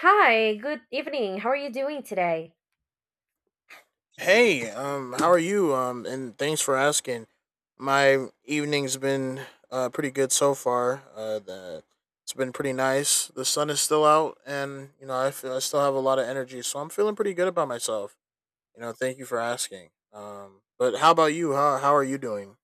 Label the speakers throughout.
Speaker 1: Hi, good evening. How are you doing today?
Speaker 2: Hey, how are you? And thanks for asking. My evening's been pretty good so far. The It's been pretty nice. The sun is still out, and you know I feel I still have a lot of energy, so I'm feeling pretty good about myself. You know, thank you for asking. But how about you? How are you doing?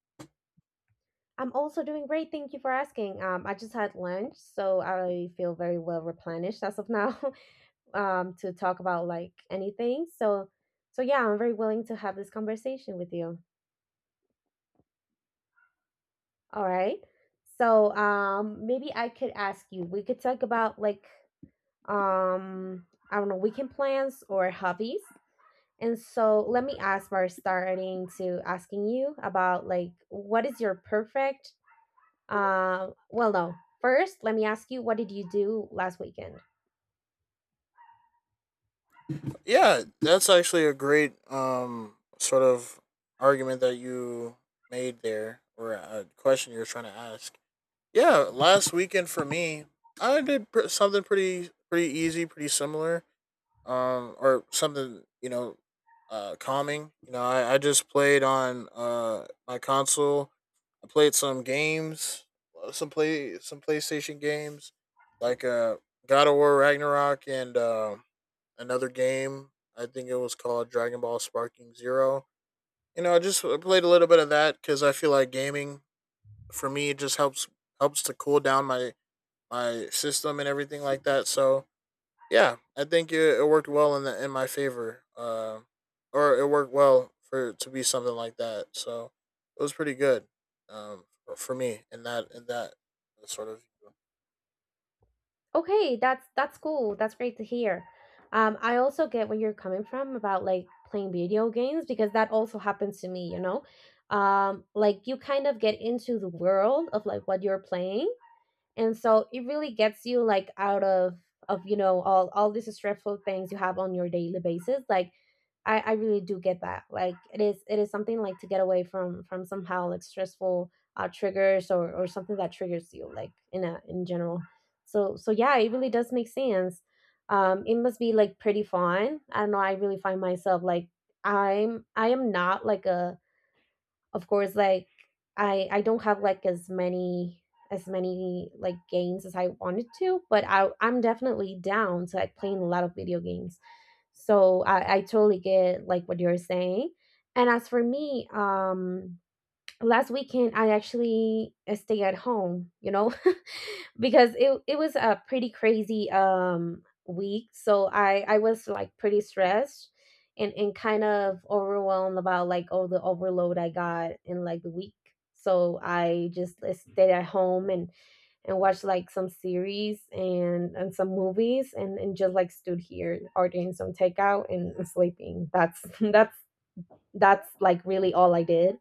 Speaker 1: I'm also doing great. Thank you for asking. I just had lunch, so I feel very well replenished as of now, to talk about like anything. So yeah, I'm very willing to have this conversation with you. All right. So maybe I could ask you. We could talk about like, I don't know, weekend plans or hobbies. And so let me ask by starting to asking you about like what is your perfect. Well, no. First, let me ask you, what did you do last weekend?
Speaker 2: Yeah, that's actually a great sort of argument that you made there, or a question you were trying to ask. Yeah, last weekend for me, something pretty easy, pretty similar, or something you know, calming. You know, I just played on my console. I played some games, some PlayStation games, like God of War Ragnarok and, another game. I think it was called Dragon Ball Sparking Zero. You know, I just played a little bit of that because I feel like gaming for me it just helps helps to cool down my my system and everything like that. So yeah, I think it worked well in my favor, or it worked well for it to be something like that. So it was pretty good, for me in that sort of.
Speaker 1: Okay, that's cool. That's great to hear. I also get where you're coming from about like playing video games because that also happens to me, you know? Like you kind of get into the world of like what you're playing, and so it really gets you like out of you know all these stressful things you have on your daily basis, like I really do get that. Like it is something like to get away from somehow like stressful triggers, or something that triggers you like in a in general. So yeah, it really does make sense. It must be like pretty fun. I don't know, I really find myself like I am not like a, of course, like I don't have like as many like games as I wanted to, but I'm definitely down to like playing a lot of video games. So I totally get like what you're saying. And as for me, last weekend I actually stay at home, you know. because it was a pretty crazy week, so I was like pretty stressed and kind of overwhelmed about like all the overload I got in like the week. So I just stayed at home and watched like some series and some movies and just like stood here ordering some takeout and, sleeping. That's that's like really all I did.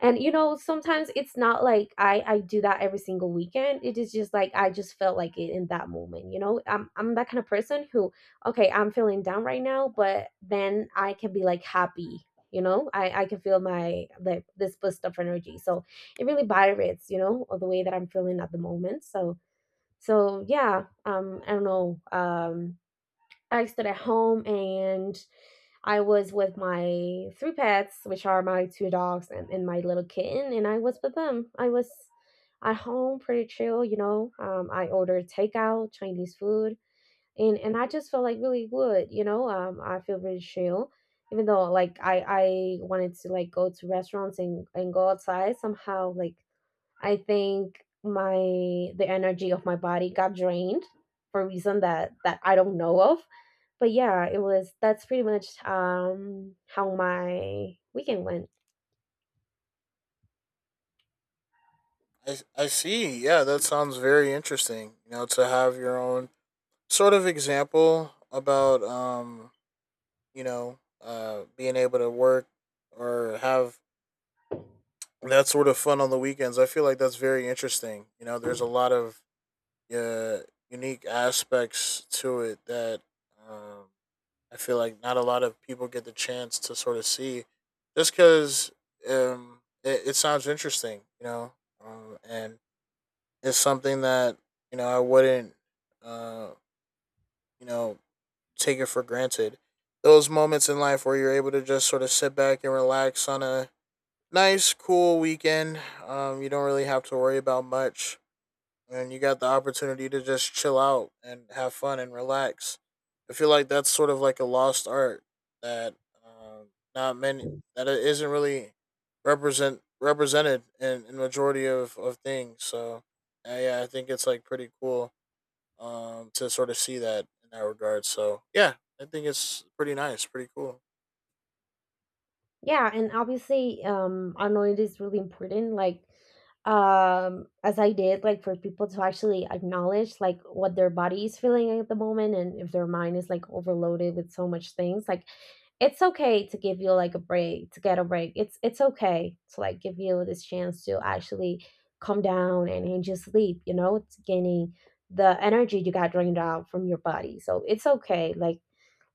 Speaker 1: And you know, sometimes it's not like I do that every single weekend. It is just like I just felt like it in that moment. You know, I'm that kind of person who, okay, I'm feeling down right now, but then I can be like happy. You know, I can feel my like this boost of energy. So it really varies, you know, of the way that I'm feeling at the moment. So yeah, I don't know. I stayed at home, and I was with my three pets, which are my two dogs and, my little kitten, and I was with them. I was at home pretty chill, you know. I ordered takeout, Chinese food, and, I just felt like really good, you know. I feel really chill. Even though like I wanted to like go to restaurants and, go outside somehow. Like I think my, the energy of my body got drained for a reason that I don't know of. But yeah, it was that's pretty much how my weekend went.
Speaker 2: I see. Yeah, that sounds very interesting. You know, to have your own sort of example about, you know, being able to work or have that sort of fun on the weekends. I feel like that's very interesting. You know, there's a lot of uh, unique aspects to it that, um, I feel like not a lot of people get the chance to sort of see, just because, it sounds interesting, you know, and it's something that you know I wouldn't, uh, you know, take it for granted. Those moments in life where you're able to just sort of sit back and relax on a nice, cool weekend. You don't really have to worry about much, and you got the opportunity to just chill out and have fun and relax. I feel like that's sort of like a lost art that, um, not many, that it isn't really represented in majority of things. So yeah, I think it's like pretty cool, to sort of see that in that regard. So yeah, I think it's pretty nice, pretty cool.
Speaker 1: Yeah, and obviously, I know it is really important, like, as I did, like, for people to actually acknowledge, like, what their body is feeling at the moment, and if their mind is, like, overloaded with so much things, like, it's okay to give you, like, a break, to get a break. It's okay to, like, give you this chance to actually calm down and, just sleep, you know. It's gaining the energy you got drained out from your body. So it's okay, like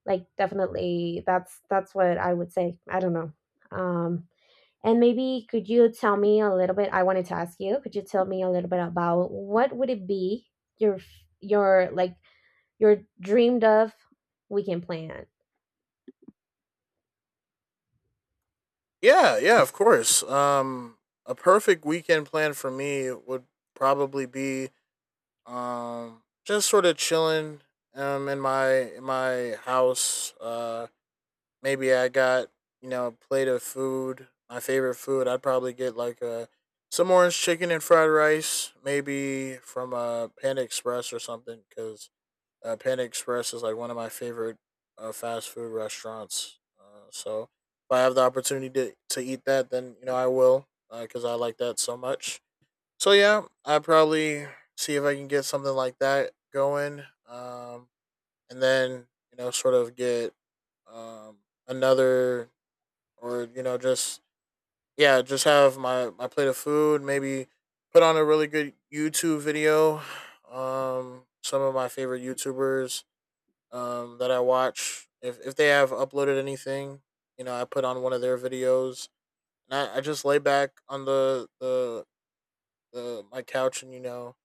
Speaker 1: definitely that's what I would say. I don't know. Um and maybe could you tell me a little bit, I wanted to ask you, could you tell me a little bit about what would it be your your dreamed of weekend plan?
Speaker 2: Yeah, yeah, of course. A perfect weekend plan for me would probably be— just sort of chilling. In my house. Maybe I got, you know, a plate of food. My favorite food. I'd probably get like a— some orange chicken and fried rice, maybe from, Panda Express or something. Because, Panda Express is like one of my favorite fast food restaurants. So if I have the opportunity to eat that, then you know I will, because I like that so much. So yeah, I probably see if I can get something like that going, um, and then you know, sort of get, um, another, or you know, just— yeah, just have my my plate of food. Maybe put on a really good YouTube video. Some of my favorite YouTubers, that I watch, if they have uploaded anything, you know, I put on one of their videos, and I just lay back on the my couch, and you know,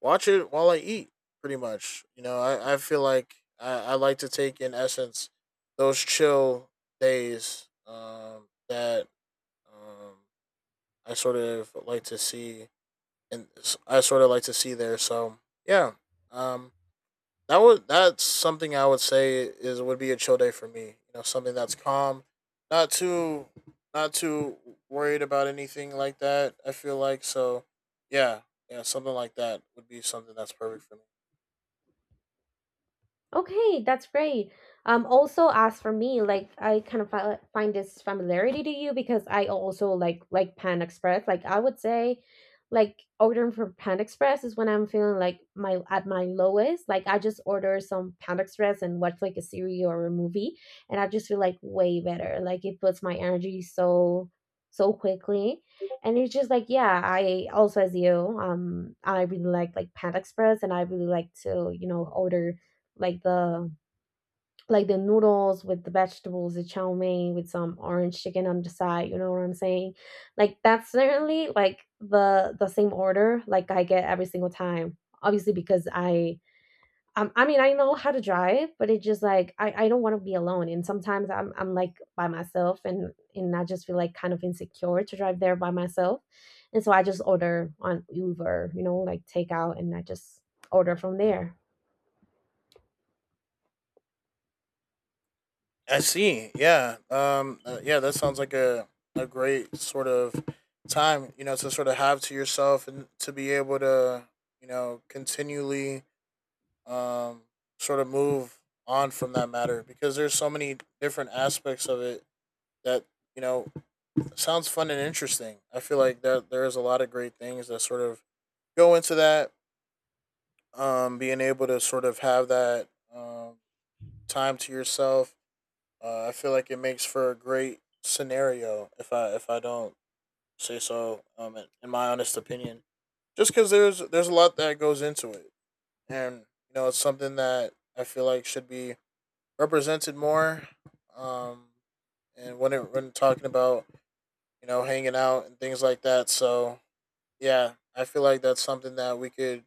Speaker 2: watch it while I eat. Pretty much, you know. I feel like I like to take in essence those chill days, that um, I sort of like to see, and I sort of like to see there. So yeah, um, that would— that's something I would say is— would be a chill day for me. You know, something that's calm, not too— not too worried about anything like that. I feel like so, yeah, yeah, something like that would be something that's perfect for me.
Speaker 1: Okay, that's great. Also as for me, like I kind of find this familiarity to you because I also like Pan Express. Like I would say, like ordering from Pan Express is when I'm feeling like my at my lowest. Like I just order some Pan Express and watch like a series or a movie, and I just feel like way better. Like it puts my energy so quickly, and it's just like yeah. I also, as you, I really like Pan Express, and I really like to, you know, order like the noodles with the vegetables, the chow mein with some orange chicken on the side. You know what I'm saying? Like that's certainly like the same order like I get every single time. Obviously, because I, I mean, I know how to drive, but it's just like I don't want to be alone. And sometimes I'm like by myself, and I just feel like kind of insecure to drive there by myself. And so I just order on Uber, you know, like takeout, and I just order from there.
Speaker 2: I see. Yeah. Yeah. That sounds like a great sort of time. You know, to sort of have to yourself and to be able to you know continually, um sort of move on from that matter because there's so many different aspects of it that you know sounds fun and interesting. I feel like that there is a lot of great things that sort of go into that. Being able to sort of have that, um time to yourself. I feel like it makes for a great scenario if I don't say so. In my honest opinion, just because there's a lot that goes into it, and you know it's something that I feel like should be represented more. Um, and when it— when talking about, you know, hanging out and things like that. So yeah, I feel like that's something that we could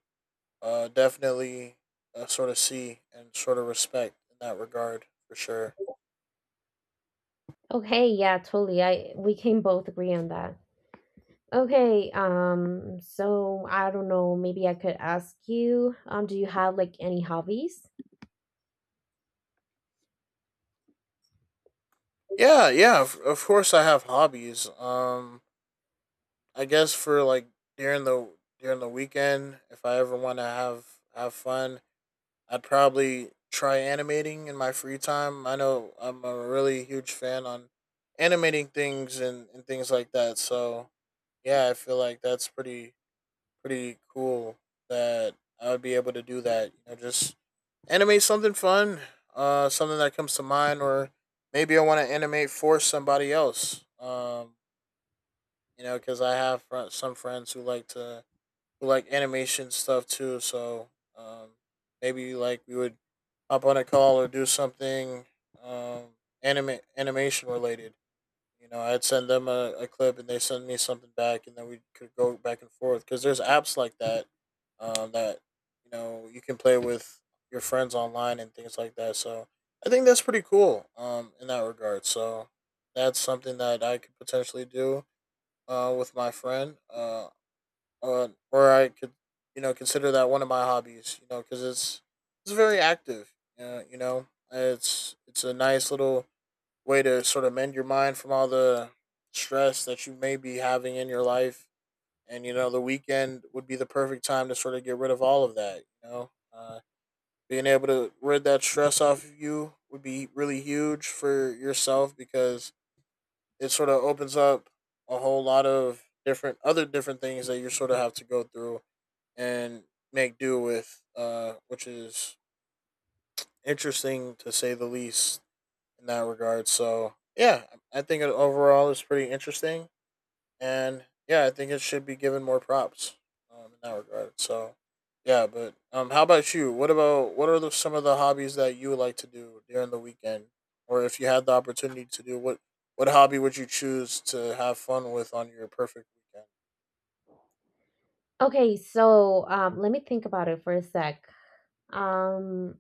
Speaker 2: definitely, sort of see and sort of respect in that regard for sure.
Speaker 1: Okay, yeah, totally. I we can both agree on that. Okay, so I don't know, maybe I could ask you, do you have like any hobbies?
Speaker 2: Yeah, yeah. Of course, I have hobbies. I guess for like during the during the weekend, if I ever want to have fun, I'd probably try animating in my free time. I know I'm a really huge fan on animating things and things like that. So yeah, I feel like that's pretty pretty cool, that I would be able to do that. You know, just animate something fun, something that comes to mind, or maybe I want to animate for somebody else. You know, because I have some friends who like to— who like animation stuff too. So, um, maybe like we would hop on a call or do something, um, anime animation related. You know, I'd send them a clip and they send me something back, and then we could go back and forth. Because there's apps like that, that you know you can play with your friends online and things like that. So I think that's pretty cool, in that regard. So that's something that I could potentially do with my friend, or I could you know consider that one of my hobbies. You know, because it's very active. You know, it's a nice little way to sort of mend your mind from all the stress that you may be having in your life. And you know, the weekend would be the perfect time to sort of get rid of all of that. You know, being able to rid that stress off of you would be really huge for yourself because it sort of opens up a whole lot of different— other different things that you sort of have to go through and make do with, which is interesting to say the least. In that regard. So yeah, I think it overall is pretty interesting, and yeah, I think it should be given more props, in that regard. So yeah, but how about you? What about— what are the— some of the hobbies that you would like to do during the weekend, or if you had the opportunity to do what? What hobby would you choose to have fun with on your perfect weekend?
Speaker 1: Okay, so let me think about it for a sec. Um,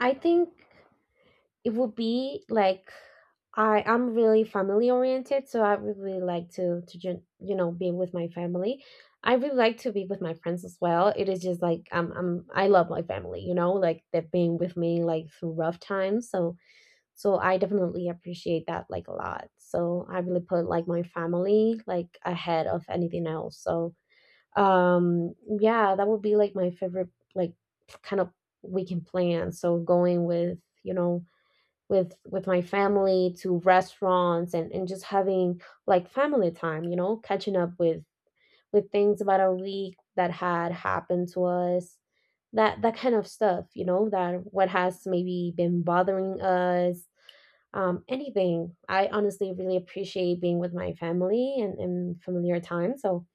Speaker 1: I think it would be like I'm really family oriented, so I would really like to you know be with my family. I really like to be with my friends as well. It is just like I love my family, you know, like they've been with me like through rough times. So I definitely appreciate that like a lot. So I really put like my family like ahead of anything else. So um yeah, that would be like my favorite like kind of weekend plan. So going with, you know, with my family to restaurants and just having like family time, you know, catching up with things about a week that had happened to us, that that kind of stuff, you know, that what has maybe been bothering us, anything. I honestly really appreciate being with my family and, familiar time. so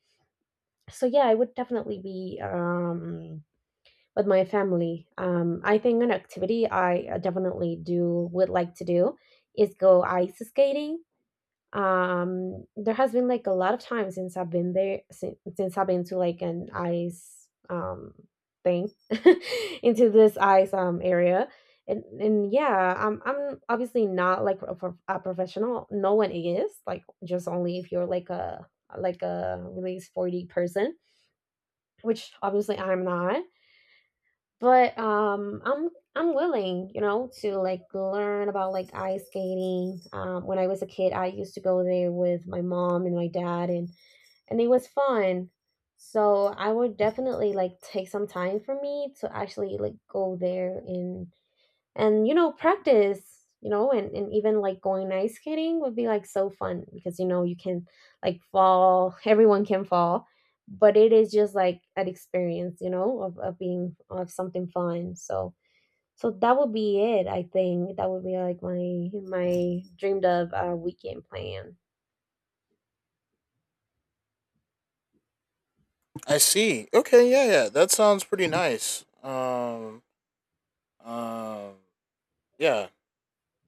Speaker 1: so yeah, it would definitely be with my family. I think an activity I definitely do would like to do is go ice skating. There has been like a lot of time since I've been there, since I've been to like an ice um thing into this ice area. And yeah, I'm obviously not like a, a professional. No one is like, just only if you're like a really sporty person, which obviously I'm not, but I'm willing, you know, to like learn about like ice skating. When I was a kid, I used to go there with my mom and my dad, and it was fun. So I would definitely like take some time for me to actually like go there and you know practice, you know. And, even like going ice skating would be like so fun, because you know you can like fall. everyone can fall, but it is just like an experience, you know, of, being, of something fun. So that would be it. I think that would be like my dreamed of weekend plan.
Speaker 2: I see. Okay, yeah, yeah. That sounds pretty nice. Um, yeah,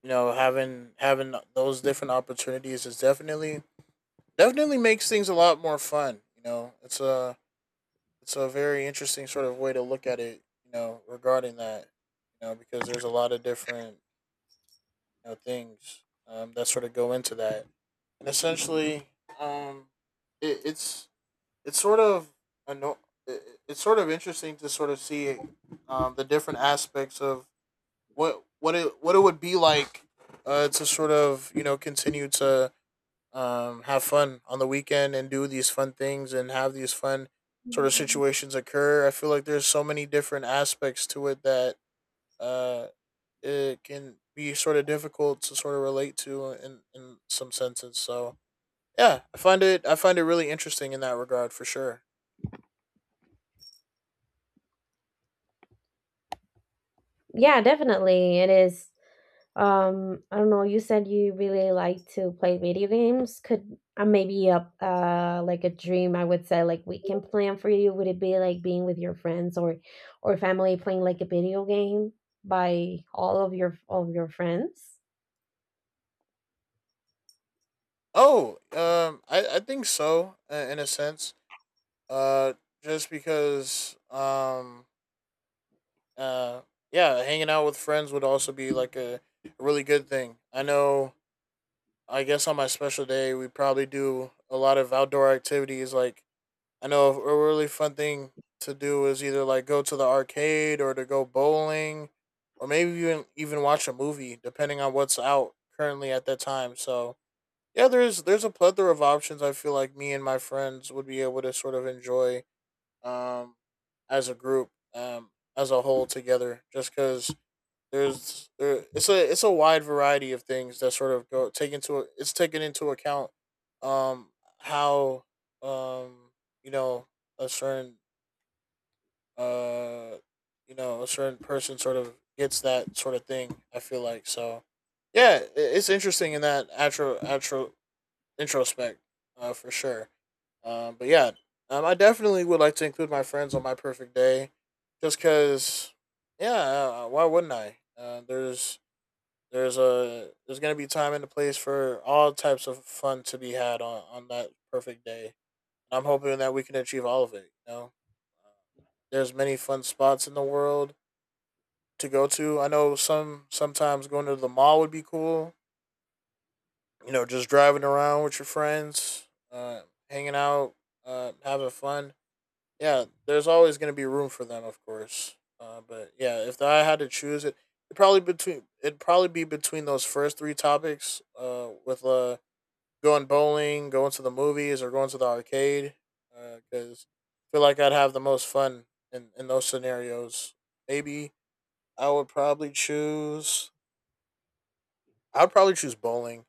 Speaker 2: you know, having having those different opportunities is definitely definitely makes things a lot more fun. You know, it's a very interesting sort of way to look at it. You know, regarding that, you know, because there's a lot of different you know things, that sort of go into that, and essentially, um, it, it's it's sort of anno- it, it's sort of interesting to sort of see, the different aspects of what— what it— what it would be like, to sort of you know continue to, have fun on the weekend and do these fun things and have these fun sort of situations occur. I feel like there's so many different aspects to it that, uh, it can be sort of difficult to sort of relate to in some senses. So yeah, I find it really interesting in that regard for sure.
Speaker 1: Yeah, definitely it is. I don't know. You said you really like to play video games. Could maybe a like a dream, I would say, like weekend plan for you, would it be like being with your friends or family playing like a video game by all of your friends?
Speaker 2: Oh, I think so in a sense. Uh, just because, uh, yeah, hanging out with friends would also be like a really good thing. I know— I guess on my special day, we probably do a lot of outdoor activities. Like, I know a really fun thing to do is either like go to the arcade or to go bowling, or maybe even watch a movie depending on what's out currently at that time. So, yeah, there's a plethora of options I feel like me and my friends would be able to sort of enjoy um as a group, as a whole together, just cuz it's a wide variety of things that sort of go take into it's taken into account um how, um you know a certain, uh a certain person sort of gets that sort of thing, I feel like. So yeah, it's interesting in that atro atro introspect, for sure. But yeah, I definitely would like to include my friends on my perfect day, just because, yeah. Why wouldn't I? Uh, there's there's a there's gonna be time and a place for all types of fun to be had on, that perfect day. And I'm hoping that we can achieve all of it. Uh, there's many fun spots in the world to go to. I know sometimes going to the mall would be cool. You know, just driving around with your friends, hanging out, having fun. Yeah, there's always going to be room for them, of course. But yeah, if I had to choose it, it probably between it'd probably be between those first three topics. With Going bowling, going to the movies, or going to the arcade. Because I feel like I'd have the most fun in those scenarios. Maybe I would probably choose. I would probably choose bowling.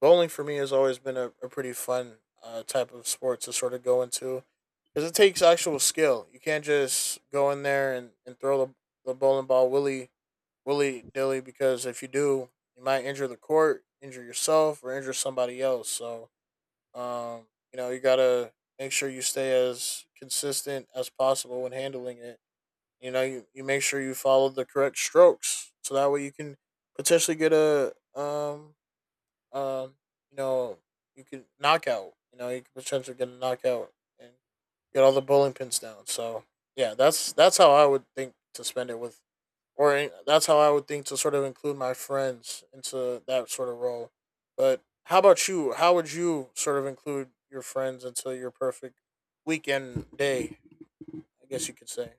Speaker 2: Bowling for me has always been a pretty fun, type of sport to sort of go into, because it takes actual skill. You can't just go in there and throw the bowling ball willy dilly, because if you do, you might injure the court, injure yourself, or injure somebody else. So, you know, you gotta make sure you stay as consistent as possible when handling it. You know, you make sure you follow the correct strokes so that way you can potentially get a um, you know, you could knock out. You know, you could potentially get a knockout and get all the bowling pins down. So yeah, that's how I would think to spend it with, that's how I would think to sort of include my friends into that sort of role. But how about you? How would you sort of include your friends into your perfect weekend day, I guess you could say?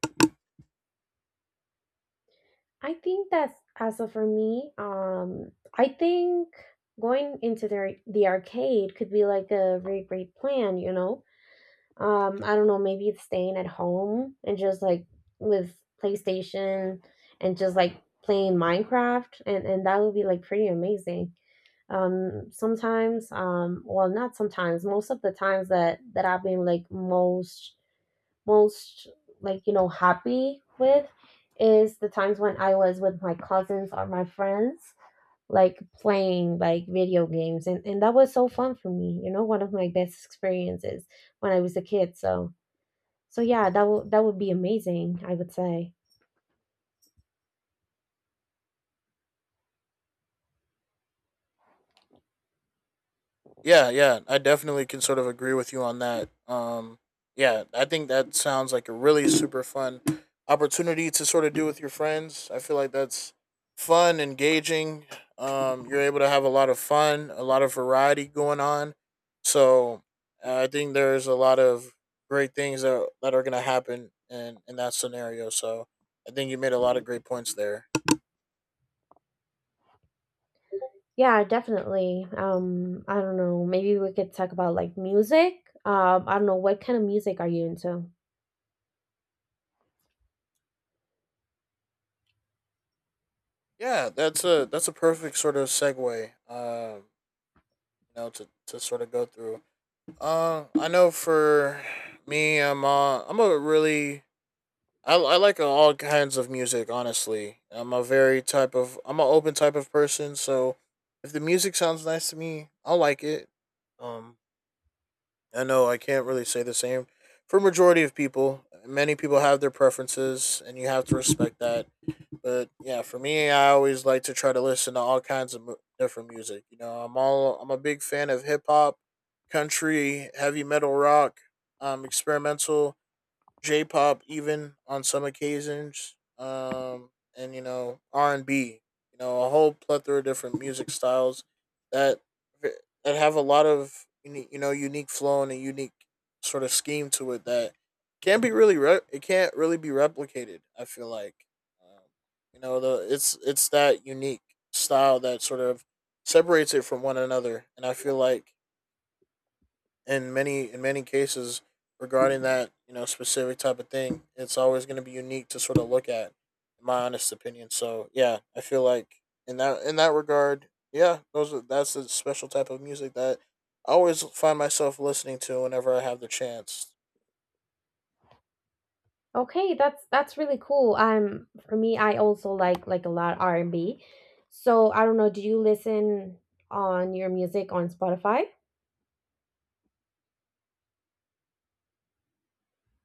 Speaker 1: I think that's as of for me, I think going into the arcade could be like a very great plan, you know. I don't know, maybe it's staying at home and just like with PlayStation and just like playing Minecraft, and that would be like pretty amazing. Sometimes, well, not sometimes, most of the times that I've been like most most like, you know, happy with is the times when I was with my cousins or my friends, like playing like video games, and that was so fun for me, you know. One of my best experiences when I was a kid. So yeah, that would be amazing, I would say.
Speaker 2: Yeah, yeah, I definitely can sort of agree with you on that. Yeah, I think that sounds like a really super fun opportunity to sort of do with your friends. I feel like that's fun, engaging. You're able to have a lot of fun, a lot of variety going on. So I think there's a lot of great things that are going to happen in that scenario. So I think you made a lot of great points there.
Speaker 1: Yeah, definitely. I don't know. Maybe we could talk about like music. I don't know, what kind of music are you into?
Speaker 2: Yeah, that's a perfect sort of segue. You know, to sort of go through. I know for me, I'm a really, I like all kinds of music. Honestly, I'm an open type of person. So if the music sounds nice to me, I'll like it. Um, I know I can't really say the same for majority of people. Many people have their preferences, and you have to respect that. But yeah, for me, I always like to try to listen to all kinds of different music. You know, I'm a big fan of hip hop, country, heavy metal, rock, experimental, J-pop even on some occasions, and you know R and B. You know, a whole plethora of different music styles that have a lot of you know unique flow and a unique sort of scheme to it that can't be really re- it can't really be replicated. I feel like, um, you know the it's that unique style that sort of separates it from one another, and I feel like in many cases regarding that, you know, specific type of thing, it's always going to be unique to sort of look at, in my honest opinion. So yeah, I feel like in that regard, that's a special type of music that I always find myself listening to whenever I have the chance.
Speaker 1: Okay, that's really cool. For me, I also like a lot R&B. So I don't know, do you listen on your music on Spotify?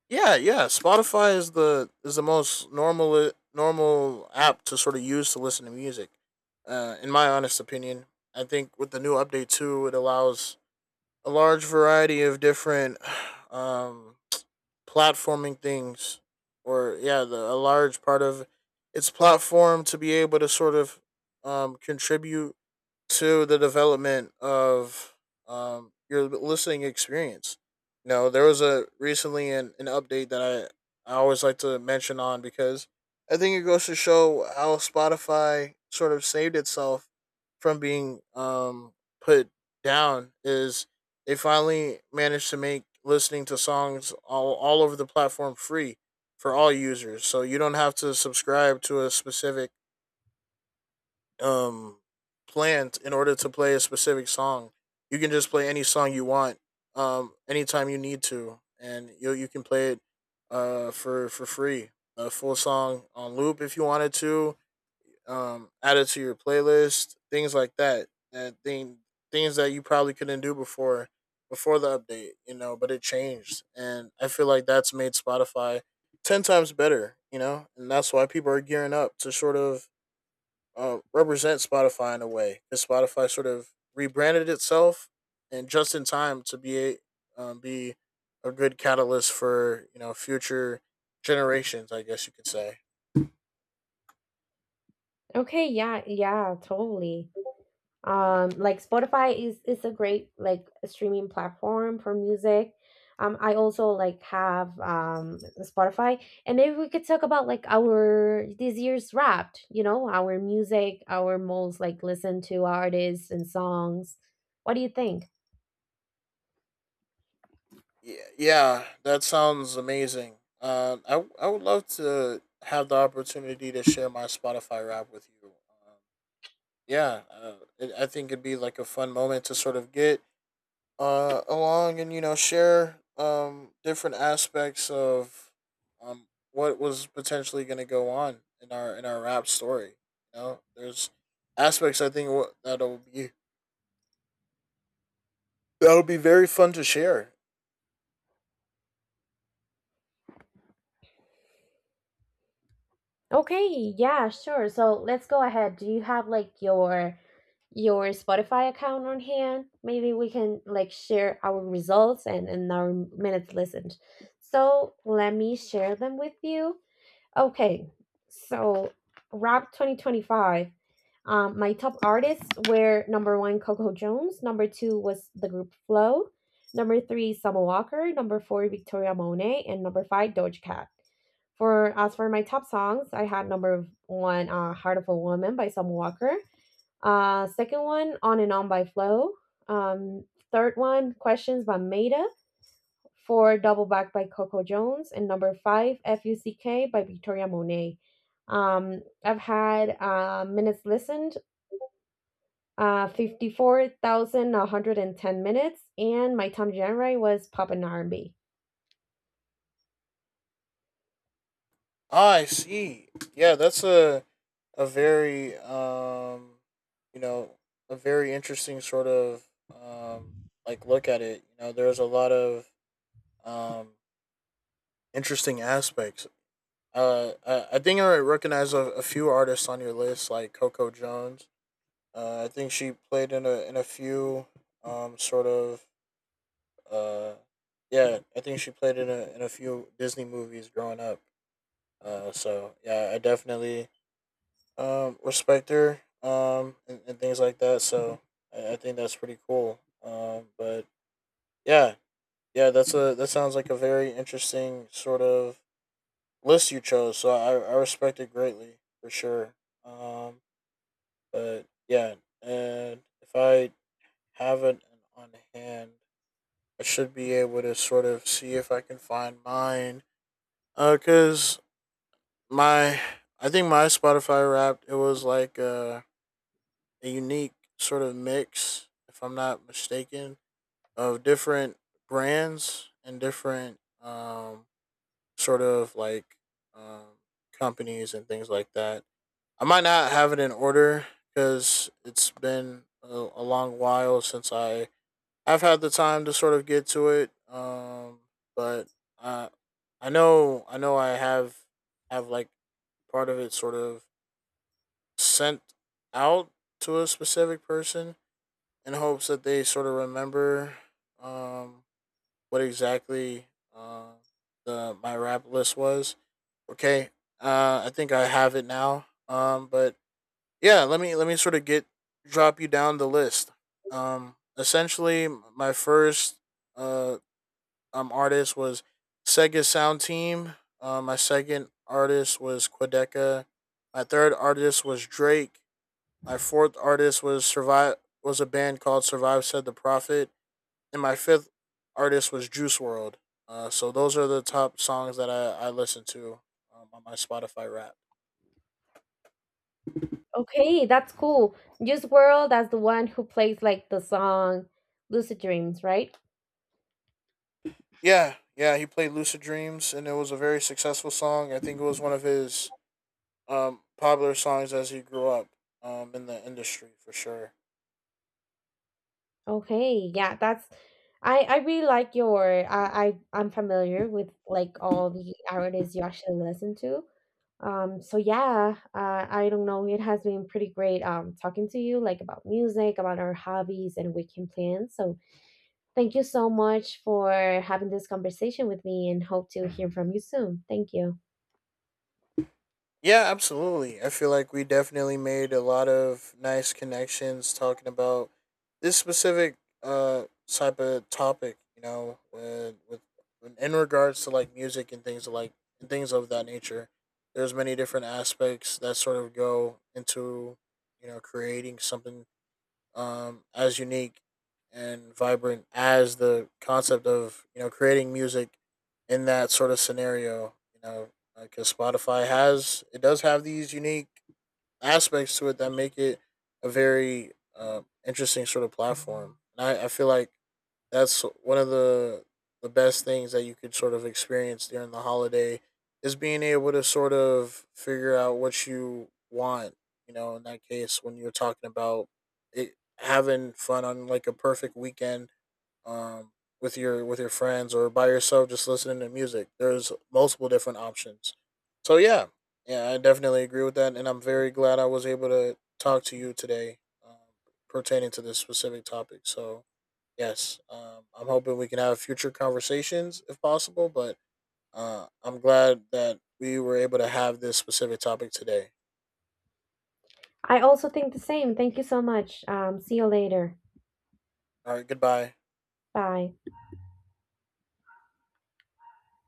Speaker 2: Yeah, yeah, Spotify is the most normal app to sort of use to listen to music, in my honest opinion. I think with the new update too, it allows a large variety of different, um, platforming things, a large part of its platform to be able to sort of, contribute to the development of, your listening experience. You know, there was a recently an update that I always like to mention on, because I think it goes to show how Spotify sort of saved itself from being, put down, is they finally managed to make listening to songs all over the platform free for all users. So you don't have to subscribe to a specific um planned in order to play a specific song. You can just play any song you want, anytime you need to, and you can play it, for free, a full song on loop if you wanted to, add it to your playlist, things like that. Things that you probably couldn't do before, the update, you know. But it changed, and I feel like that's made Spotify ten times better, you know, and that's why people are gearing up to sort of, represent Spotify in a way, because Spotify sort of rebranded itself and just in time to be be a good catalyst for, you know, future generations, I guess you could say.
Speaker 1: Okay, yeah, yeah, totally. Like Spotify is a great like streaming platform for music. I also like have Spotify, and maybe we could talk about like our this year's wrapped, you know, our music, our most like listened to artists and songs. What do you think?
Speaker 2: Yeah, yeah, that sounds amazing. Um, I would love to have the opportunity to share my Spotify rap with you. Yeah, I think it'd be like a fun moment to sort of get, along, and you know share, different aspects of, what was potentially going to go on in our rap story. You know, there's aspects I think that'll be very fun to share.
Speaker 1: Okay, yeah, sure. So let's go ahead. Do you have like your Spotify account on hand? Maybe we can like share our results and, our minutes listened. So let me share them with you. Okay, so rap 2025. My top artists were number one, Coco Jones. Number two was the group Flow. Number three, Summer Walker. Number four, Victoria Monet. And number five, Doja Cat. For as for my top songs, I had number one, "Heart of a Woman" by Summer Walker. Second one, On and On by Flo. Um, third one, Questions by Maida. Four, Double Back by Coco Jones. And number five, FUCK by Victoria Monet. I've had minutes listened, 54,110 minutes. And my time genre was pop and R&B.
Speaker 2: Ah, I see. Yeah, that's a very, you know, a very interesting sort of, um, like look at it. You know, there's a lot of, um, interesting aspects. I think I recognize a few artists on your list, like Coco Jones. I think she played in a few sort of, uh yeah, I think she played in a few Disney movies growing up. So yeah, I definitely respect her, and things like that. So I think that's pretty cool. But yeah, yeah, that sounds like a very interesting sort of list you chose, so I respect it greatly for sure. Um, but yeah, and if I have it on hand, I should be able to sort of see if I can find mine. Cause my I think my Spotify Wrapped, it was like, a unique sort of mix, if I'm not mistaken, of different brands and different sort of like um companies and things like that. I might not have it in order because it's been a long while since I have had the time to sort of get to it. But I I know I have like part of it sort of sent out to a specific person in hopes that they sort of remember, um, what exactly, uh, the my rap list was. Okay, I think I have it now. But yeah, let me sort of get drop you down the list. Essentially, my first uh artist was Sega Sound Team. My second artist was Quadeca. My third artist was Drake. My fourth artist was Survive was a band called Survive Said the Prophet, and my fifth artist was Juice World. So those are the top songs that I listen to, on my Spotify Wrapped.
Speaker 1: Okay, that's cool. Juice World as the one who plays like the song Lucid Dreams, right?
Speaker 2: Yeah, yeah, he played Lucid Dreams, and it was a very successful song. I think it was one of his, popular songs as he grew up, in the industry for sure.
Speaker 1: Okay, yeah, that's I really like your, I'm familiar with like all the artists you actually listen to. So yeah, I don't know. It has been pretty great talking to you like about music, about our hobbies and weekend plans. So thank you so much for having this conversation with me and hope to hear from you soon. Thank you.
Speaker 2: Yeah, absolutely. I feel like we definitely made a lot of nice connections talking about this specific, type of topic, you know, with, in regards to like music and things like and things of that nature. There's many different aspects that sort of go into, you know, creating something, as unique and vibrant as the concept of, you know, creating music in that sort of scenario. You know, because Spotify has it does have these unique aspects to it that make it a very, interesting sort of platform. And I feel like that's one of the best things that you could sort of experience during the holiday, is being able to sort of figure out what you want, you know, in that case, when you're talking about it having fun on like a perfect weekend, um with your friends, or by yourself just listening to music. There's multiple different options, so yeah, yeah, I definitely agree with that, and I'm very glad I was able to talk to you today, um, pertaining to this specific topic. So yes, I'm hoping we can have future conversations if possible, but, I'm glad that we were able to have this specific topic today.
Speaker 1: I also think the same. Thank you so much. See you later.
Speaker 2: All right, goodbye.
Speaker 1: Bye.